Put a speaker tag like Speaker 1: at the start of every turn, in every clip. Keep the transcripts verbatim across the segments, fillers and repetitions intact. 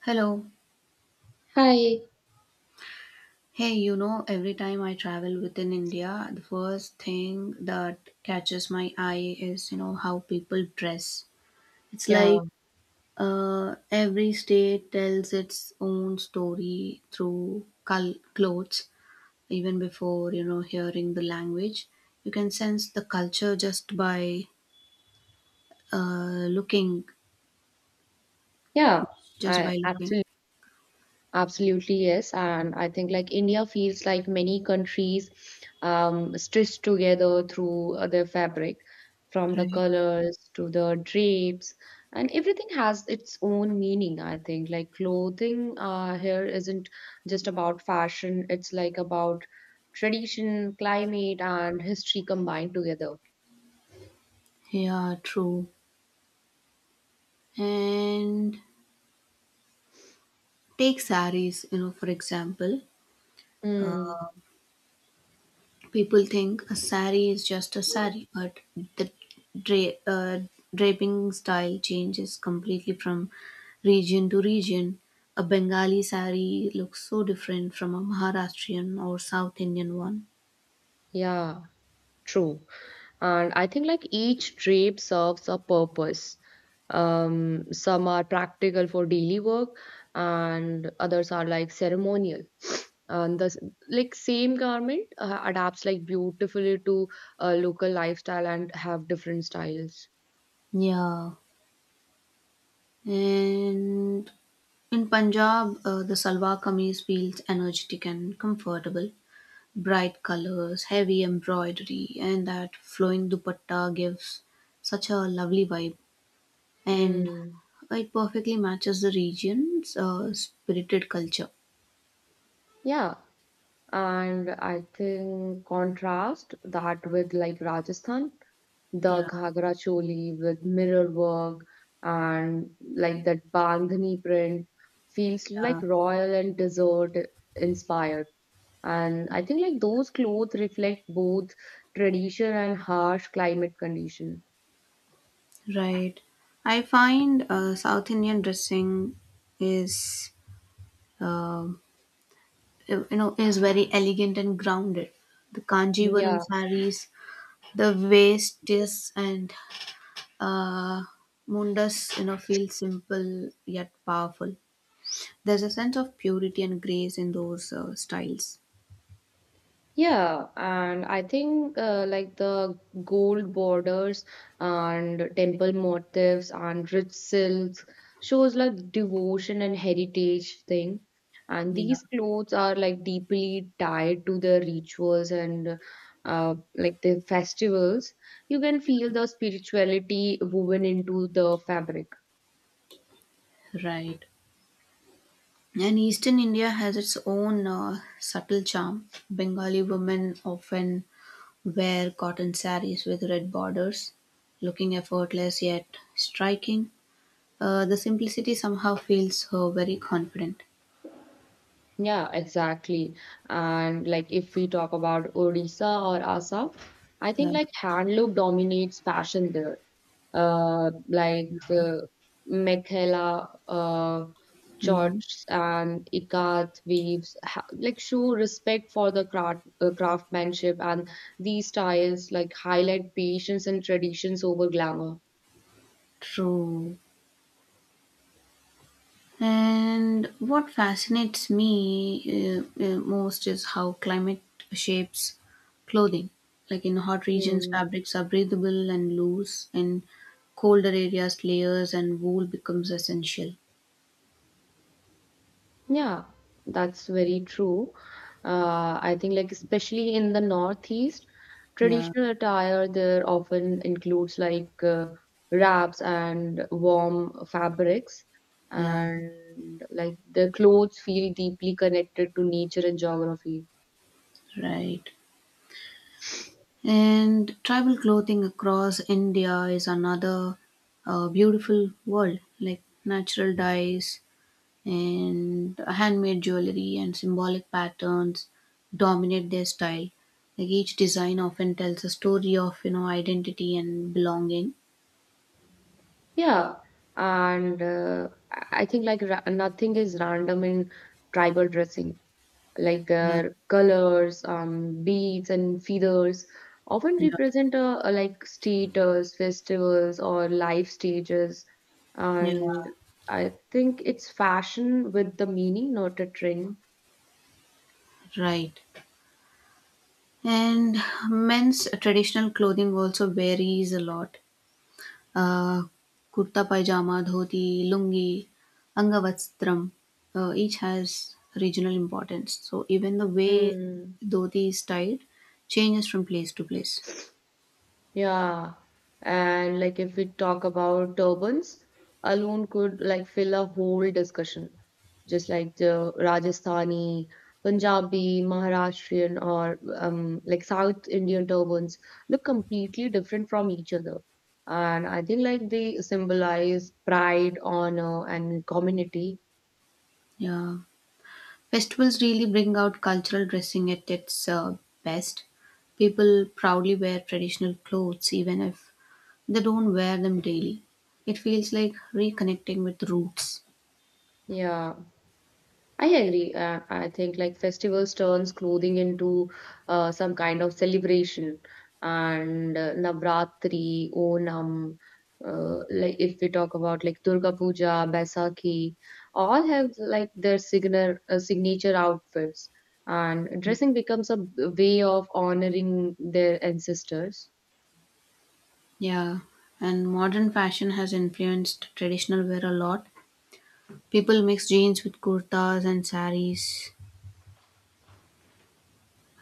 Speaker 1: Hello.
Speaker 2: Hi.
Speaker 1: Hey, you know, every time I travel within India, the first thing that catches my eye is, you know, how people dress. It's
Speaker 2: Yeah.
Speaker 1: like uh, every state tells its own story through col- clothes, even before, you know, hearing the language. You can sense the culture just by uh, looking,
Speaker 2: Yeah.
Speaker 1: just
Speaker 2: I
Speaker 1: by looking,
Speaker 2: absolutely absolutely yes. And I think like India feels like many countries um stitched together through uh, their fabric, from the
Speaker 1: right?
Speaker 2: colors to the drapes, and everything has its own meaning, I think. Like clothing uh here isn't just about fashion, it's like about tradition, climate, and history combined together.
Speaker 1: Yeah, true. And take saris, you know, for example.
Speaker 2: Mm,
Speaker 1: People think a sari is just a sari, but the dra- uh, draping style changes completely from region to region. A Bengali sari looks so different from a Maharashtrian or South Indian one.
Speaker 2: yeah, true. And I think like each drape serves a purpose. Um, some are practical for daily work, and others are like ceremonial. And the s- like same garment uh, adapts like beautifully to a local lifestyle and have different styles.
Speaker 1: Yeah. And in Punjab, uh, the salwar kameez feels energetic and comfortable. Bright colors, heavy embroidery, and that flowing dupatta gives such a lovely vibe. And
Speaker 2: Mm.
Speaker 1: it perfectly matches the region's uh, spirited culture.
Speaker 2: Yeah, and I think contrast that with like Rajasthan, the
Speaker 1: Yeah.
Speaker 2: ghagra choli with mirror work and like that bandhani print feels
Speaker 1: Yeah,
Speaker 2: like royal and desert inspired. And I think like those clothes reflect both tradition and harsh climate condition.
Speaker 1: right. I find uh, South Indian dressing is, um you know, is very elegant and grounded. The kanjivaram
Speaker 2: Yeah.
Speaker 1: sarees, the waists and uh, mundas, you know, feel simple yet powerful. There's a sense of purity and grace in those uh, styles.
Speaker 2: Yeah, and I think uh, like the gold borders and temple motifs and rich silks shows like devotion and heritage thing. And
Speaker 1: Yeah,
Speaker 2: these clothes are like deeply tied to the rituals and uh, like the festivals. You can feel the spirituality woven into the fabric.
Speaker 1: right. And Eastern India has its own uh, subtle charm. Bengali women often wear cotton saris with red borders, looking effortless yet striking. Uh, the simplicity somehow feels uh, very confident.
Speaker 2: Yeah, exactly. And like if we talk about Odisha or Assam, I think
Speaker 1: Yeah.
Speaker 2: like handloom dominates fashion there. Uh, like the Mekhela, uh,
Speaker 1: Mm,
Speaker 2: shorts and ikat weaves ha like show respect for the craft uh, craftsmanship, and these styles like highlight patience and traditions over glamour.
Speaker 1: true. And what fascinates me uh, uh, most is how climate shapes clothing. Like in hot regions,
Speaker 2: Hmm.
Speaker 1: fabrics are breathable and loose, and colder areas, layers and wool becomes essential.
Speaker 2: Yeah, that's very true. Uh, I think like especially in the Northeast,
Speaker 1: Yeah,
Speaker 2: traditional attire there often includes like uh, wraps and warm fabrics,
Speaker 1: yeah,
Speaker 2: and like the clothes feel deeply connected to nature and geography.
Speaker 1: right. And tribal clothing across India is another uh, beautiful world, like natural dyes, and handmade jewelry and symbolic patterns dominate their style, like each design often tells a story of, you know, identity and belonging.
Speaker 2: Yeah, and uh, I I think like ra nothing is random in tribal dressing. Like
Speaker 1: Yeah,
Speaker 2: their colors, um, beads, and feathers often
Speaker 1: yeah,
Speaker 2: represent a, a like status, festivals, or life stages.
Speaker 1: yeah,
Speaker 2: And I think it's fashion with the meaning, not a trend.
Speaker 1: right. And men's traditional clothing also varies a lot, uh, kurta pajama, dhoti, lungi, angavastram, uh, each has regional importance, so even the way
Speaker 2: Hmm.
Speaker 1: dhoti is styled changes from place to place.
Speaker 2: Yeah, and like if we talk about turbans, alone could like fill a whole discussion, just like the Rajasthani, Punjabi, Maharashtrian, or um, like South Indian turbans look completely different from each other. And I think like they symbolize pride, honor, and community.
Speaker 1: Yeah. Festivals really bring out cultural dressing at its, uh, best. People proudly wear traditional clothes even if they don't wear them daily. It feels like reconnecting with roots.
Speaker 2: Yeah. I agree. Uh, I think like festivals turns clothing into uh, some kind of celebration, and uh, Navratri, Onam, uh, like if we talk about like Durga Puja, Baisakhi, all have like their signature uh, signature outfits, and dressing becomes a b- way of honoring their ancestors.
Speaker 1: Yeah, and modern fashion has influenced traditional wear a lot. People mix jeans with kurtas and saris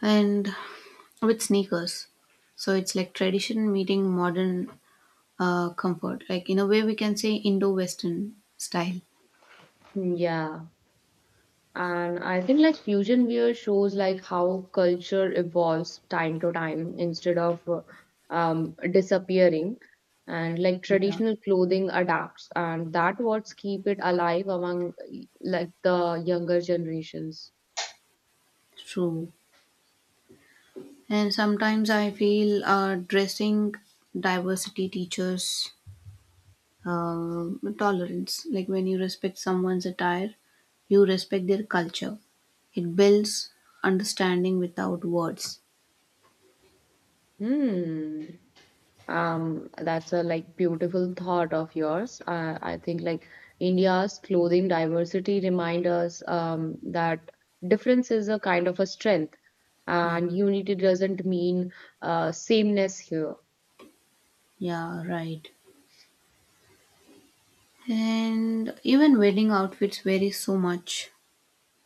Speaker 1: and with sneakers. So it's like tradition meeting modern uh, comfort. Like in a way, we can say Indo-Western style.
Speaker 2: Hmm, yeah. And I think like fusion wear shows like how culture evolves time to time instead of uh, um, disappearing. And like
Speaker 1: Yeah,
Speaker 2: traditional clothing adapts, and that what's keep it alive among like the younger generations.
Speaker 1: true. And sometimes I feel, uh, dressing diversity teaches, uh, tolerance. Like when you respect someone's attire, you respect their culture. It builds understanding without words.
Speaker 2: Hmm. Um, that's a like beautiful thought of yours. Uh, I think like India's clothing diversity remind us um, that difference is a kind of a strength,
Speaker 1: Yeah,
Speaker 2: and unity doesn't mean uh, sameness here.
Speaker 1: yeah, right. And even wedding outfits vary so much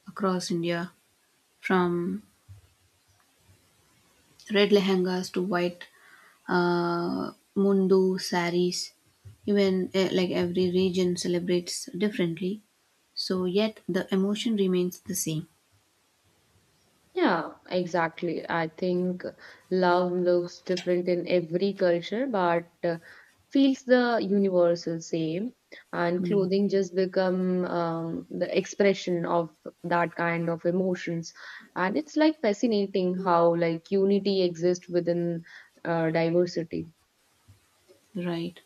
Speaker 1: across India, from red lehengas to white uh, mundu saris, even eh, like every region celebrates differently, so yet the emotion remains the same.
Speaker 2: Yeah, exactly. I think love looks different in every culture, but uh, feels the universal same. And
Speaker 1: Mm.
Speaker 2: clothing just become um, the expression of that kind of emotions. And it's like fascinating how like unity exists within uh, diversity.
Speaker 1: Right.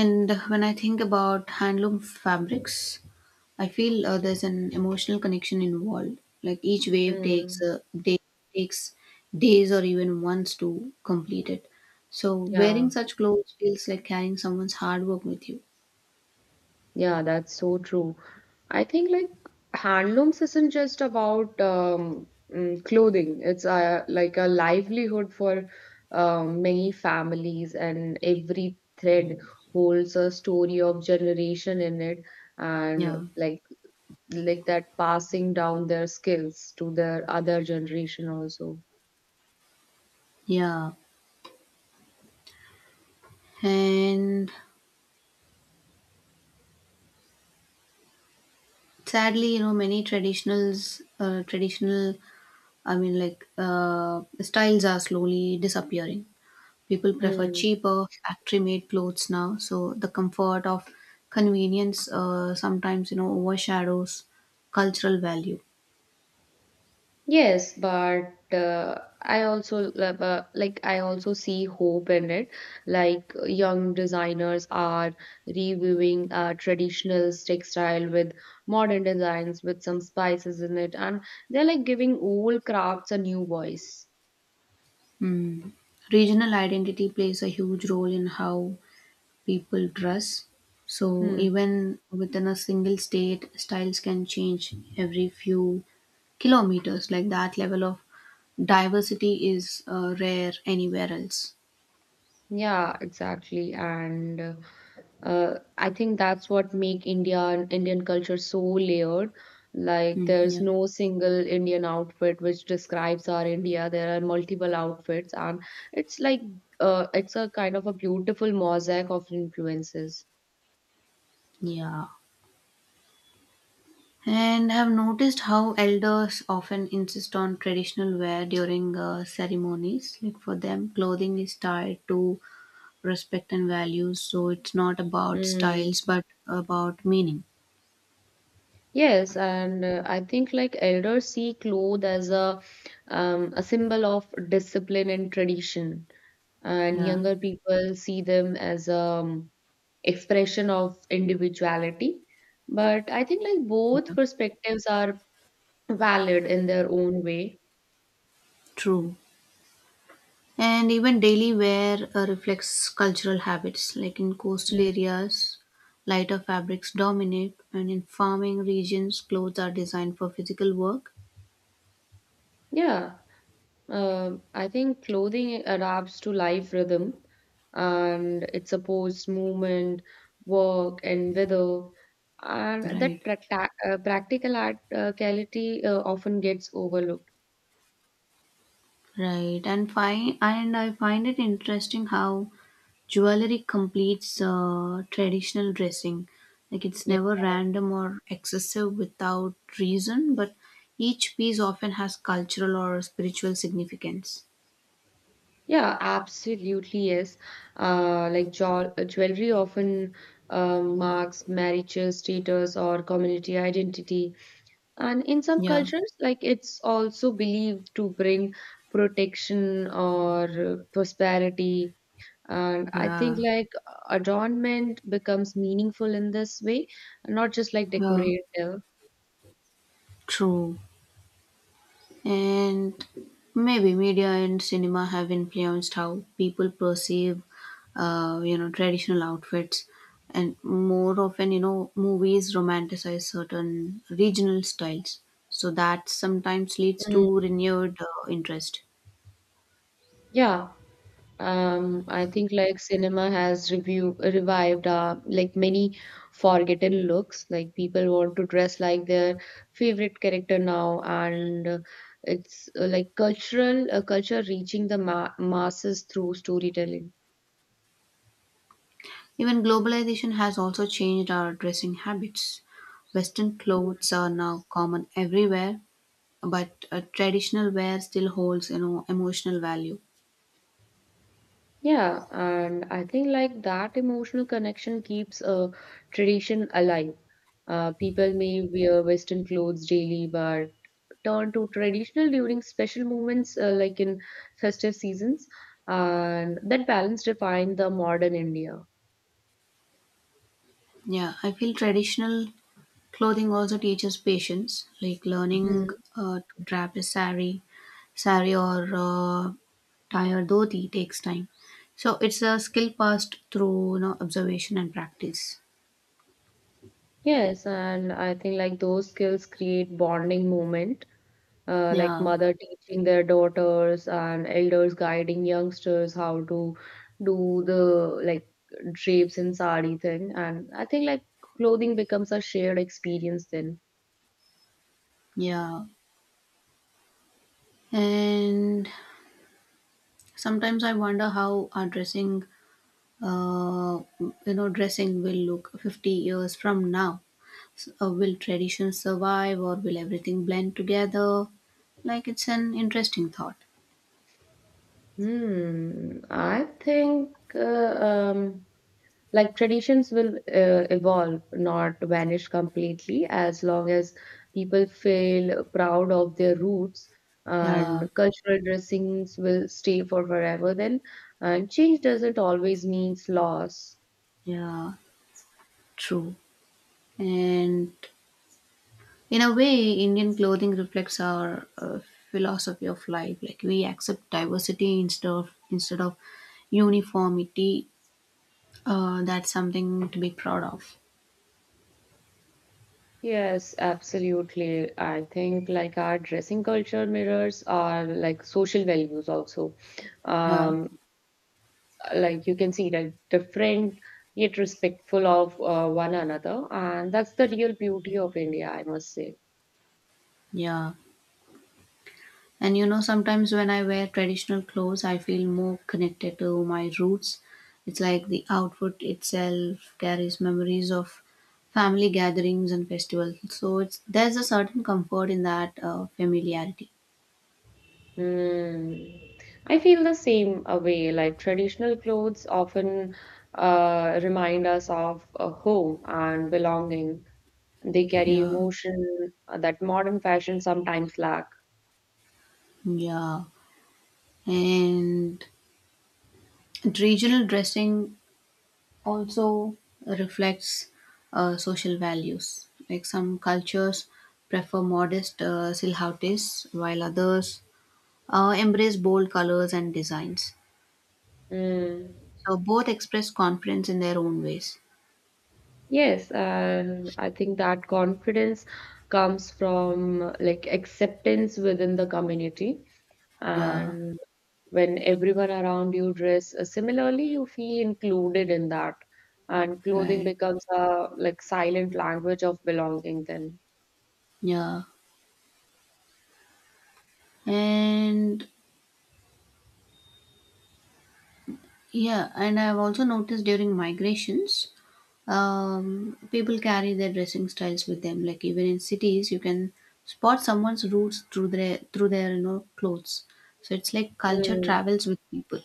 Speaker 1: And when I think about handloom fabrics, I feel, uh, there's an emotional connection involved, like each wave takes,
Speaker 2: Mm,
Speaker 1: uh, day, takes days or even months to complete it, so
Speaker 2: yeah.
Speaker 1: wearing such clothes feels like carrying someone's hard work with you.
Speaker 2: Yeah, that's so true. I think like handlooms isn't just about um, mm, clothing. It's a, like a livelihood for um, many families, and every thread holds a story of generation in it, and
Speaker 1: Yeah.
Speaker 2: like like that passing down their skills to their other generation also.
Speaker 1: Yeah, and sadly, you know, many traditionals uh, traditional, i mean like uh, styles are slowly disappearing. People prefer
Speaker 2: Hmm.
Speaker 1: cheaper factory made clothes now, so the comfort of convenience, uh, sometimes, you know, overshadows cultural value.
Speaker 2: Yes, but uh, I also love, uh, like I also see hope in it. Like young designers are reviewing uh, traditional textile with modern designs with some spices in it, and they're like giving old crafts a new voice.
Speaker 1: Regional identity plays a huge role in how people dress. So
Speaker 2: Hmm.
Speaker 1: even within a single state, styles can change every few kilometers. Like that level of diversity is, uh, rare anywhere else.
Speaker 2: Yeah, exactly. And uh, Uh, I think that's what make India and Indian culture so layered. Like
Speaker 1: Mm,
Speaker 2: there's
Speaker 1: yeah.
Speaker 2: no single Indian outfit which describes our India. There are multiple outfits, and it's like uh, it's a kind of a beautiful mosaic of influences.
Speaker 1: Yeah. And I've noticed how elders often insist on traditional wear during, uh, ceremonies. Like for them, clothing is tied to respect and values. So it's not about
Speaker 2: Mm.
Speaker 1: styles, but about meaning.
Speaker 2: Yes, and uh, I think like elders see clothes as a um, a symbol of discipline and tradition, and
Speaker 1: Yeah.
Speaker 2: younger people see them as um, expression of individuality. But I think like
Speaker 1: Yeah.
Speaker 2: both perspectives are valid in their own way.
Speaker 1: True. And even daily wear uh, reflects cultural habits, like in coastal
Speaker 2: Mm.
Speaker 1: areas, lighter fabrics dominate, and in farming regions, clothes are designed for physical work.
Speaker 2: Yeah, Um I think clothing adapts to life rhythm and it supports movement, work, and weather. And
Speaker 1: Right.
Speaker 2: that practa- uh, practical art- uh, quality uh, often gets overlooked.
Speaker 1: Right, and fine, and I find it interesting how jewelry completes uh, traditional dressing. Like it's never random or excessive without reason, but each piece often has cultural or spiritual significance.
Speaker 2: Yeah, absolutely, yes. Uh, like jo jewelry often uh, marks marriages, status, or community identity. And in some
Speaker 1: Yeah.
Speaker 2: cultures, like it's also believed to bring protection or uh, prosperity. And I think
Speaker 1: Yeah.
Speaker 2: like adornment becomes meaningful in this way, not just like
Speaker 1: Yeah,
Speaker 2: decorative.
Speaker 1: true. And maybe media and cinema have influenced how people perceive, uh, you know, traditional outfits. And more often, you know, movies romanticize certain regional styles. So that sometimes leads
Speaker 2: Mm,
Speaker 1: to renewed uh, interest.
Speaker 2: yeah. Um, I think like cinema has review revived uh, like many forgotten looks. Like people want to dress like their favorite character now, and uh, it's uh, like cultural uh, culture reaching the ma masses through storytelling.
Speaker 1: Even globalization has also changed our dressing habits. Western
Speaker 2: Mm.
Speaker 1: clothes are now common everywhere, but uh, traditional wear still holds, you know, emotional value.
Speaker 2: Yeah, and I think like that emotional connection keeps a tradition alive. Uh, people may wear Western clothes daily, but turn to traditional during special moments uh, like in festive seasons, and that balance defined the modern India.
Speaker 1: Yeah, I feel traditional clothing also teaches patience, like learning
Speaker 2: Hmm.
Speaker 1: uh, to drape a sari, sari or uh, tie a dhoti takes time. So it's a skill passed through, you know, observation and practice.
Speaker 2: Yes, and I think like those skills create bonding moment, uh, like
Speaker 1: Yeah,
Speaker 2: mother teaching their daughters and elders guiding youngsters how to do the like drapes and sari thing. And I think like clothing becomes a shared experience then.
Speaker 1: yeah. And sometimes I wonder how our dressing, uh, you know, dressing will look fifty years from now. S- Uh, will tradition survive, or will everything blend together? Like it's an interesting thought.
Speaker 2: Hmm I think uh, um Like traditions will uh, evolve, not vanish completely, as long as people feel proud of their roots. And
Speaker 1: Yeah,
Speaker 2: cultural dressings will stay for forever then. And change doesn't always means loss.
Speaker 1: yeah. True. And in a way, Indian clothing reflects our uh, philosophy of life. Like we accept diversity instead of instead of uniformity. Uh, that's something to be proud of.
Speaker 2: Yes, absolutely. I think like our dressing culture mirrors our like social values also.
Speaker 1: Yeah,
Speaker 2: Um, like you can see like different yet respectful of uh, one another, and that's the real beauty of India, I must say.
Speaker 1: yeah. And you know, sometimes when I wear traditional clothes, I feel more connected to my roots. It's like the outfit itself carries memories of family gatherings and festivals. So it's, there's a certain comfort in that uh, familiarity.
Speaker 2: Mm. I feel the same a way, like traditional clothes often uh, remind us of uh, home and belonging. They carry
Speaker 1: Yeah.
Speaker 2: emotion uh, that modern fashion sometimes lack.
Speaker 1: Yeah, and regional dressing also reflects uh, social values. Like some cultures prefer modest uh, silhouettes, while others uh, embrace bold colors and designs.
Speaker 2: Mm.
Speaker 1: So both express confidence in their own ways.
Speaker 2: Yes, and I think that confidence comes from like acceptance within the community.
Speaker 1: Yeah,
Speaker 2: And when everyone around you dress uh, similarly, you feel included in that, and clothing
Speaker 1: right.
Speaker 2: becomes a like silent language of belonging then.
Speaker 1: Yeah, and Yeah, and I've also noticed during migrations, um, people carry their dressing styles with them. Like even in cities, you can spot someone's roots through their through their you know, clothes. So it's like culture
Speaker 2: Mm.
Speaker 1: travels with people.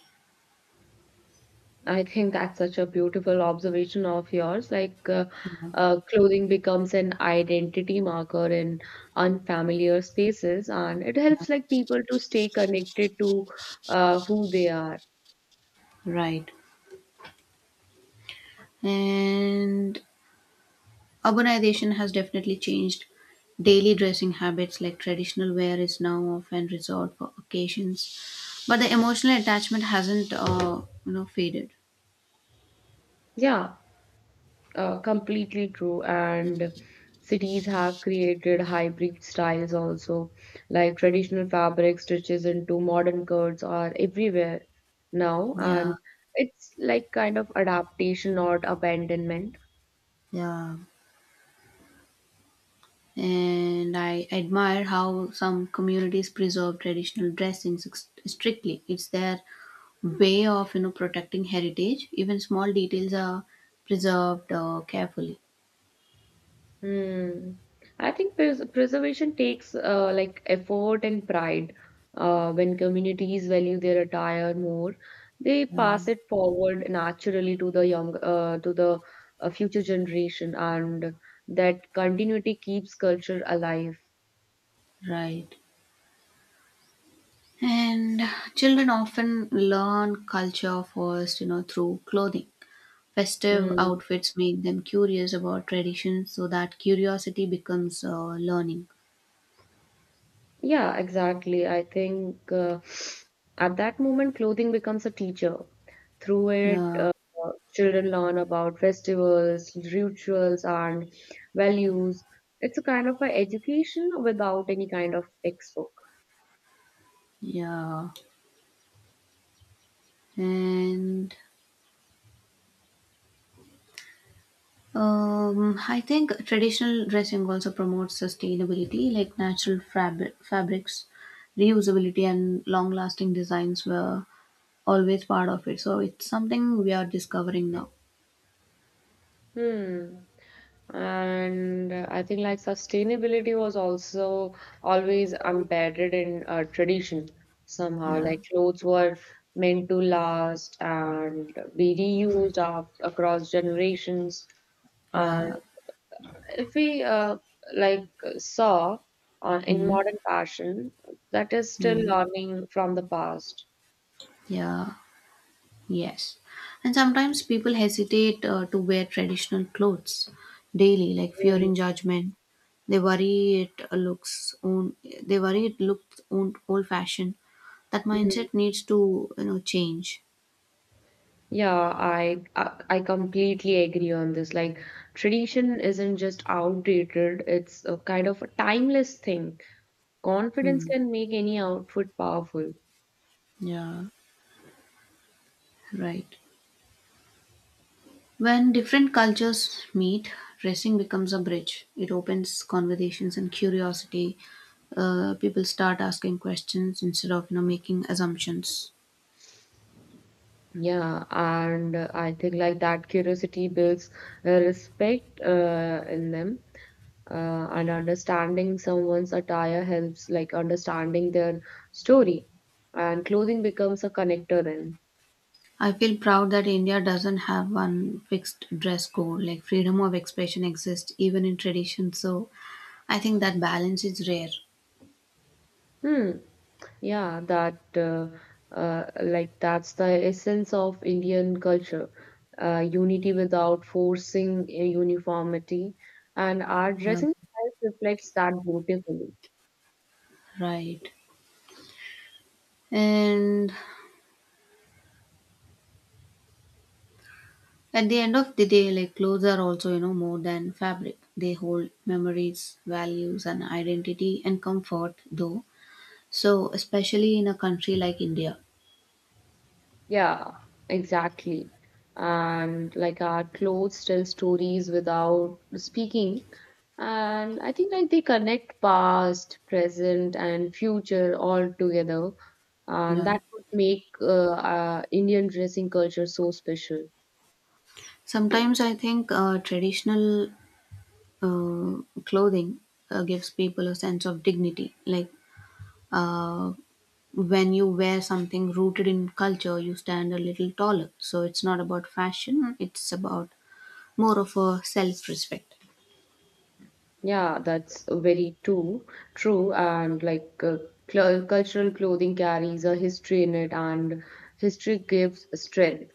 Speaker 2: I think that's such a beautiful observation of yours. Like, uh,
Speaker 1: You know,
Speaker 2: uh, clothing becomes an identity marker in unfamiliar spaces, and it
Speaker 1: yeah,
Speaker 2: helps like people to stay connected to uh, who they are.
Speaker 1: right. And urbanization has definitely changed daily dressing habits. Like traditional wear is now often resort for occasions, but the emotional attachment hasn't, uh, you know, faded.
Speaker 2: Yeah, Uh, completely true. And cities have created hybrid styles also, like traditional fabric stitches into modern curves are everywhere now.
Speaker 1: Yeah,
Speaker 2: And it's like kind of adaptation, not abandonment.
Speaker 1: yeah. And I admire how some communities preserve traditional dressings ex- strictly. It's their way of, you know, protecting heritage. Even small details are preserved uh, carefully.
Speaker 2: Hmm. I think pres preservation takes uh, like effort and pride. Uh, when communities value their attire more, they
Speaker 1: Uh,
Speaker 2: pass it forward naturally to the young, uh, to the uh, future generation, and that continuity keeps culture alive.
Speaker 1: right. And children often learn culture first, you know, through clothing. Festive
Speaker 2: Hmm.
Speaker 1: outfits make them curious about traditions, so that curiosity becomes uh, learning.
Speaker 2: Yeah, exactly. I think uh, at that moment, clothing becomes a teacher. Through it,
Speaker 1: Yeah,
Speaker 2: uh, children learn about festivals, rituals, and values. It's a kind of a education without any kind of textbook.
Speaker 1: yeah. And Um, I think traditional dressing also promotes sustainability, like natural fabric, fabrics, reusability, and long lasting designs were always part of it. So it's something we are discovering now.
Speaker 2: Hmm. And I think like sustainability was also always embedded in uh, tradition somehow.
Speaker 1: Yeah,
Speaker 2: Like clothes were meant to last and be reused af- across generations. And
Speaker 1: yeah,
Speaker 2: if we uh, like saw uh, in
Speaker 1: mm-hmm.
Speaker 2: modern fashion, that is still
Speaker 1: Mm-hmm.
Speaker 2: learning from the past.
Speaker 1: Yeah. Yes. And sometimes people hesitate uh, to wear traditional clothes daily, like
Speaker 2: Mm,
Speaker 1: fearing judgment. They worry it looks own. They worry it looks own old fashioned. That
Speaker 2: mm.
Speaker 1: mindset needs to, you know, change.
Speaker 2: Yeah, I, I I completely agree on this. Like, tradition isn't just outdated, it's a kind of a timeless thing. Confidence
Speaker 1: Hmm.
Speaker 2: can make any outfit powerful.
Speaker 1: Yeah. Right. When different cultures meet, dressing becomes a bridge. It opens conversations and curiosity. Uh, people start asking questions instead of, you know, making assumptions.
Speaker 2: Yeah, and uh, I think like that curiosity builds uh, respect uh, in them. Uh, and understanding someone's attire helps like understanding their story, and clothing becomes a connector then.
Speaker 1: I feel proud that India doesn't have one fixed dress code. Like freedom of expression exists even in tradition. So I think that balance is rare.
Speaker 2: Hmm. Yeah, that uh, uh, like that's the essence of Indian culture, uh, unity without forcing a uniformity, and our
Speaker 1: Yeah,
Speaker 2: dressing style reflects that beautifully.
Speaker 1: right. And at the end of the day, like clothes are also, you know, more than fabric. They hold memories, values, and identity and comfort, though. So, especially in a country like India.
Speaker 2: Yeah, exactly. And like our clothes tell stories without speaking, and I think like they connect past, present, and future all together, and
Speaker 1: Yeah.
Speaker 2: that would make uh, uh, Indian dressing culture so special.
Speaker 1: Sometimes I think uh, traditional uh, clothing uh, gives people a sense of dignity. Like, uh, when you wear something rooted in culture, you stand a little taller. So it's not about fashion, it's about more of a self respect.
Speaker 2: Yeah, that's very too true. And like uh, cl cultural clothing carries a history in it, and history gives strength.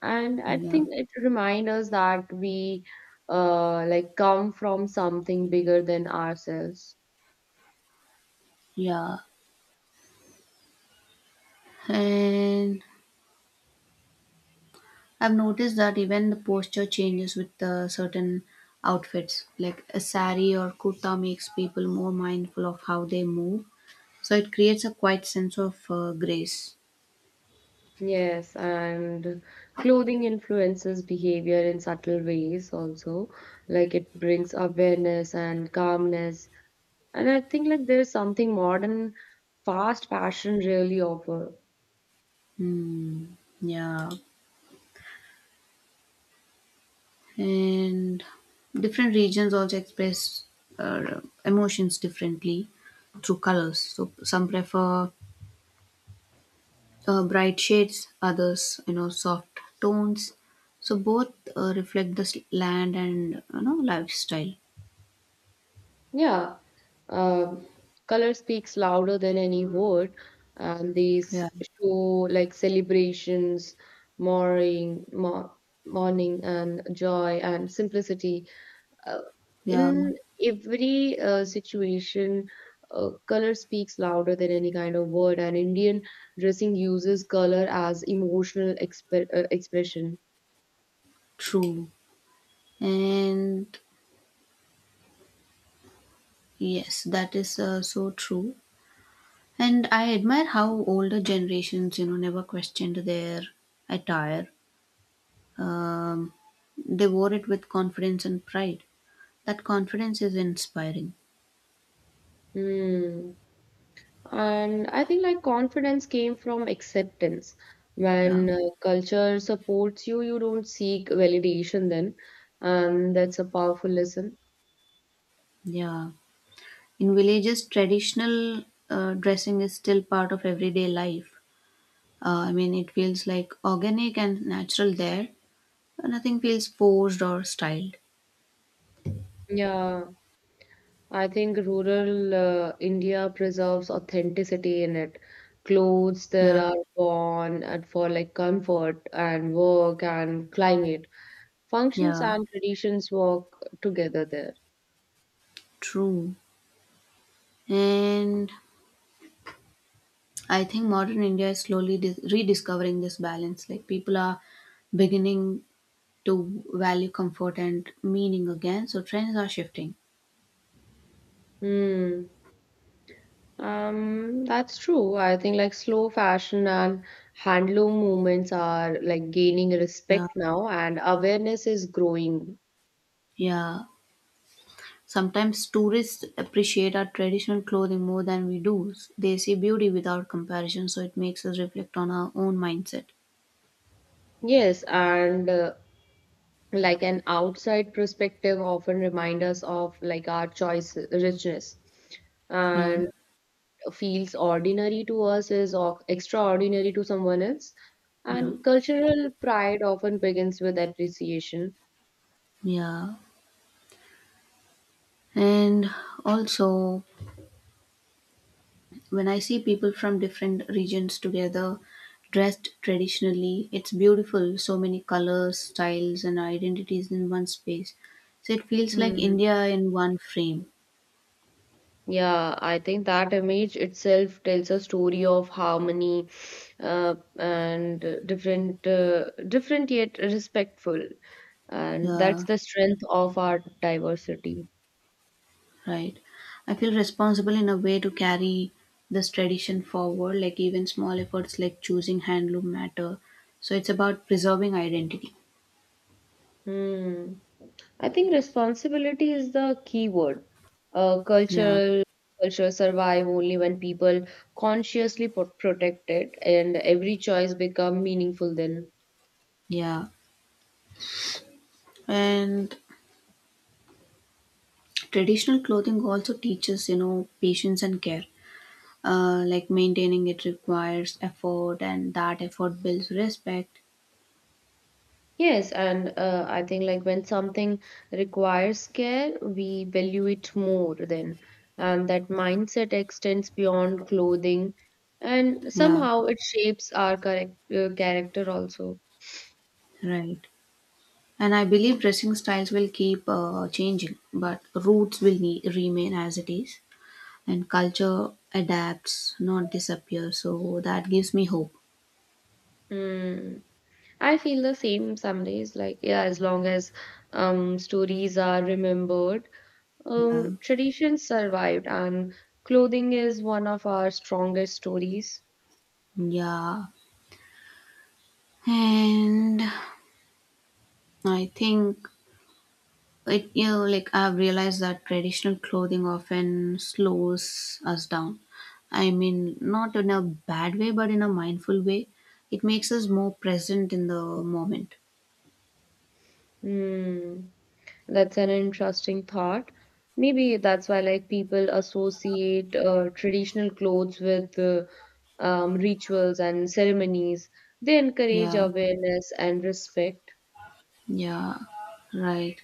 Speaker 2: And I
Speaker 1: Yeah.
Speaker 2: think it reminds us that we uh, like come from something bigger than ourselves.
Speaker 1: Yeah. And I've noticed that even the posture changes with uh, certain outfits, like a sari or kurta makes people more mindful of how they move. So it creates a quiet sense of uh, grace.
Speaker 2: Yes, and clothing influences behavior in subtle ways also. Like it brings awareness and calmness. And I think like there's something modern fast fashion really offer.
Speaker 1: Hmm. Yeah. And different regions also express uh, emotions differently through colors, so some prefer uh, bright shades, others, you know, soft tones, so both uh, reflect the s- land and, you know, lifestyle.
Speaker 2: Yeah, um, color speaks louder than any word, and these
Speaker 1: Yeah.
Speaker 2: show like celebrations, mourning, mo mourning, and joy and simplicity. Uh,
Speaker 1: Yeah,
Speaker 2: in every uh, situation, uh, color speaks louder than any kind of word, and Indian dressing uses color as emotional exp uh, expression.
Speaker 1: true. And yes, that is uh, so true. And I admire how older generations, you know, never questioned their attire. Um, they wore it with confidence and pride. That confidence is inspiring.
Speaker 2: Hmm. And I think like confidence came from acceptance.
Speaker 1: Yeah,
Speaker 2: When uh, culture supports you, you don't seek validation then. And that's a powerful lesson.
Speaker 1: yeah. In villages, traditional uh, dressing is still part of everyday life. Uh, I mean, it feels like organic and natural there. Uh, Nothing feels forced or styled.
Speaker 2: Yeah, I think rural uh, India preserves authenticity in it. Clothes there
Speaker 1: Yeah,
Speaker 2: are worn and for like comfort and work and climate. Functions
Speaker 1: yeah,
Speaker 2: and traditions work together there.
Speaker 1: true. And I think modern India is slowly dis- rediscovering this balance. Like people are beginning to value comfort and meaning again. So trends are shifting.
Speaker 2: Hmm. Um, that's true. I think like slow fashion and handloom movements are like gaining
Speaker 1: Yeah.
Speaker 2: respect now, and awareness is growing.
Speaker 1: Yeah. Sometimes tourists appreciate our traditional clothing more than we do. They see beauty without comparison, so it makes us reflect on our own mindset.
Speaker 2: Yes, and uh, like an outside perspective often reminds us of like our choice richness,
Speaker 1: Yeah.
Speaker 2: and feels ordinary to us is of extraordinary to someone else.
Speaker 1: Yeah.
Speaker 2: And cultural pride often begins with appreciation.
Speaker 1: Yeah. And also, when I see people from different regions together dressed traditionally, it's beautiful. So many colors, styles, and identities in one space. So it feels like India in one frame.
Speaker 2: Yeah, I think that image itself tells a story of harmony uh, and uh, different, uh, different yet respectful. And that's
Speaker 1: Yeah,
Speaker 2: the strength of our diversity.
Speaker 1: right. I feel responsible in a way to carry this tradition forward, like even small efforts like choosing handloom matter. So it's about preserving identity.
Speaker 2: Hmm. I think responsibility is the key word. Uh,
Speaker 1: Yeah,
Speaker 2: cultural Culture survive only when people consciously pro- protect it, and every choice become meaningful then.
Speaker 1: yeah. And traditional clothing also teaches, you know, patience and care. Uh, like maintaining it requires effort, and that effort builds respect.
Speaker 2: Yes, and uh, I think like when something requires care, we value it more then. And that mindset extends beyond clothing, and
Speaker 1: Yeah,
Speaker 2: somehow it shapes our correct, uh, character also.
Speaker 1: right. And I believe dressing styles will keep uh, changing, but roots will ne- remain as it is. And culture adapts, not disappears. So that gives me hope.
Speaker 2: Mm. I feel the same some days, like, yeah, as long as um, stories are remembered,
Speaker 1: Yeah,
Speaker 2: um, traditions survived, and clothing is one of our strongest stories.
Speaker 1: yeah. And I think it you know like I've realized that traditional clothing often slows us down. I mean, not in a bad way, but in a mindful way. It makes us more present in the moment.
Speaker 2: Mm. That's an interesting thought. Maybe that's why like people associate uh, traditional clothes with uh, um, rituals and ceremonies. They encourage
Speaker 1: Yeah,
Speaker 2: awareness and respect.
Speaker 1: yeah, right.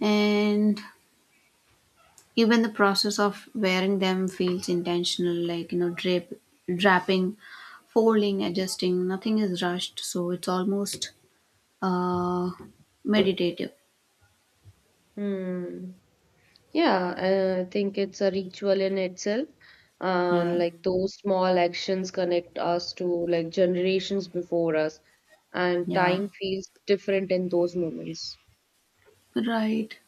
Speaker 1: And even the process of wearing them feels intentional, like, you know, drape, draping, folding, adjusting. Nothing is rushed, so it's almost, uh, meditative.
Speaker 2: Hmm. Yeah, I think it's a ritual in itself. Um,
Speaker 1: Yeah,
Speaker 2: like those small actions connect us to like generations before us, and
Speaker 1: yeah,
Speaker 2: time feels different in those moments.
Speaker 1: right.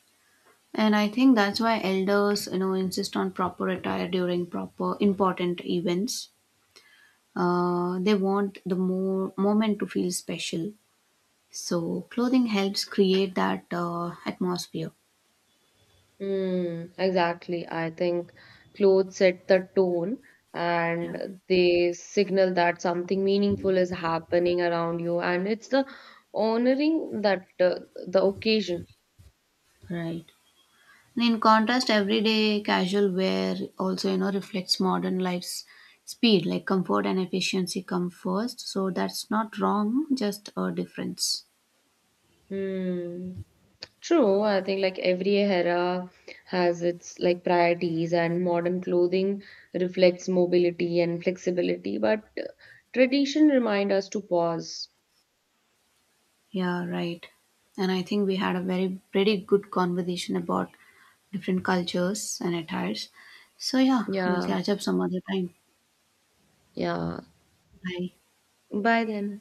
Speaker 1: And I think that's why elders, you know, insist on proper attire during proper important events. Uh, they want the more moment to feel special. So clothing helps create that uh, atmosphere.
Speaker 2: Mm, exactly. I think clothes set the tone
Speaker 1: Yeah,
Speaker 2: and they signal that something meaningful is happening around you, and it's the honoring that uh, the occasion.
Speaker 1: right. And in contrast, everyday casual wear also, you know, reflects modern life's speed, like comfort and efficiency come first. So that's not wrong, just a difference.
Speaker 2: Hmm. True, I think like every era has its like priorities, and modern clothing reflects mobility and flexibility, but uh, tradition remind us to pause.
Speaker 1: Yeah, right. And I think we had a very pretty good conversation about different cultures and attires. So yeah, we'll
Speaker 2: Yeah,
Speaker 1: catch up some other time.
Speaker 2: yeah.
Speaker 1: Bye.
Speaker 2: Bye then.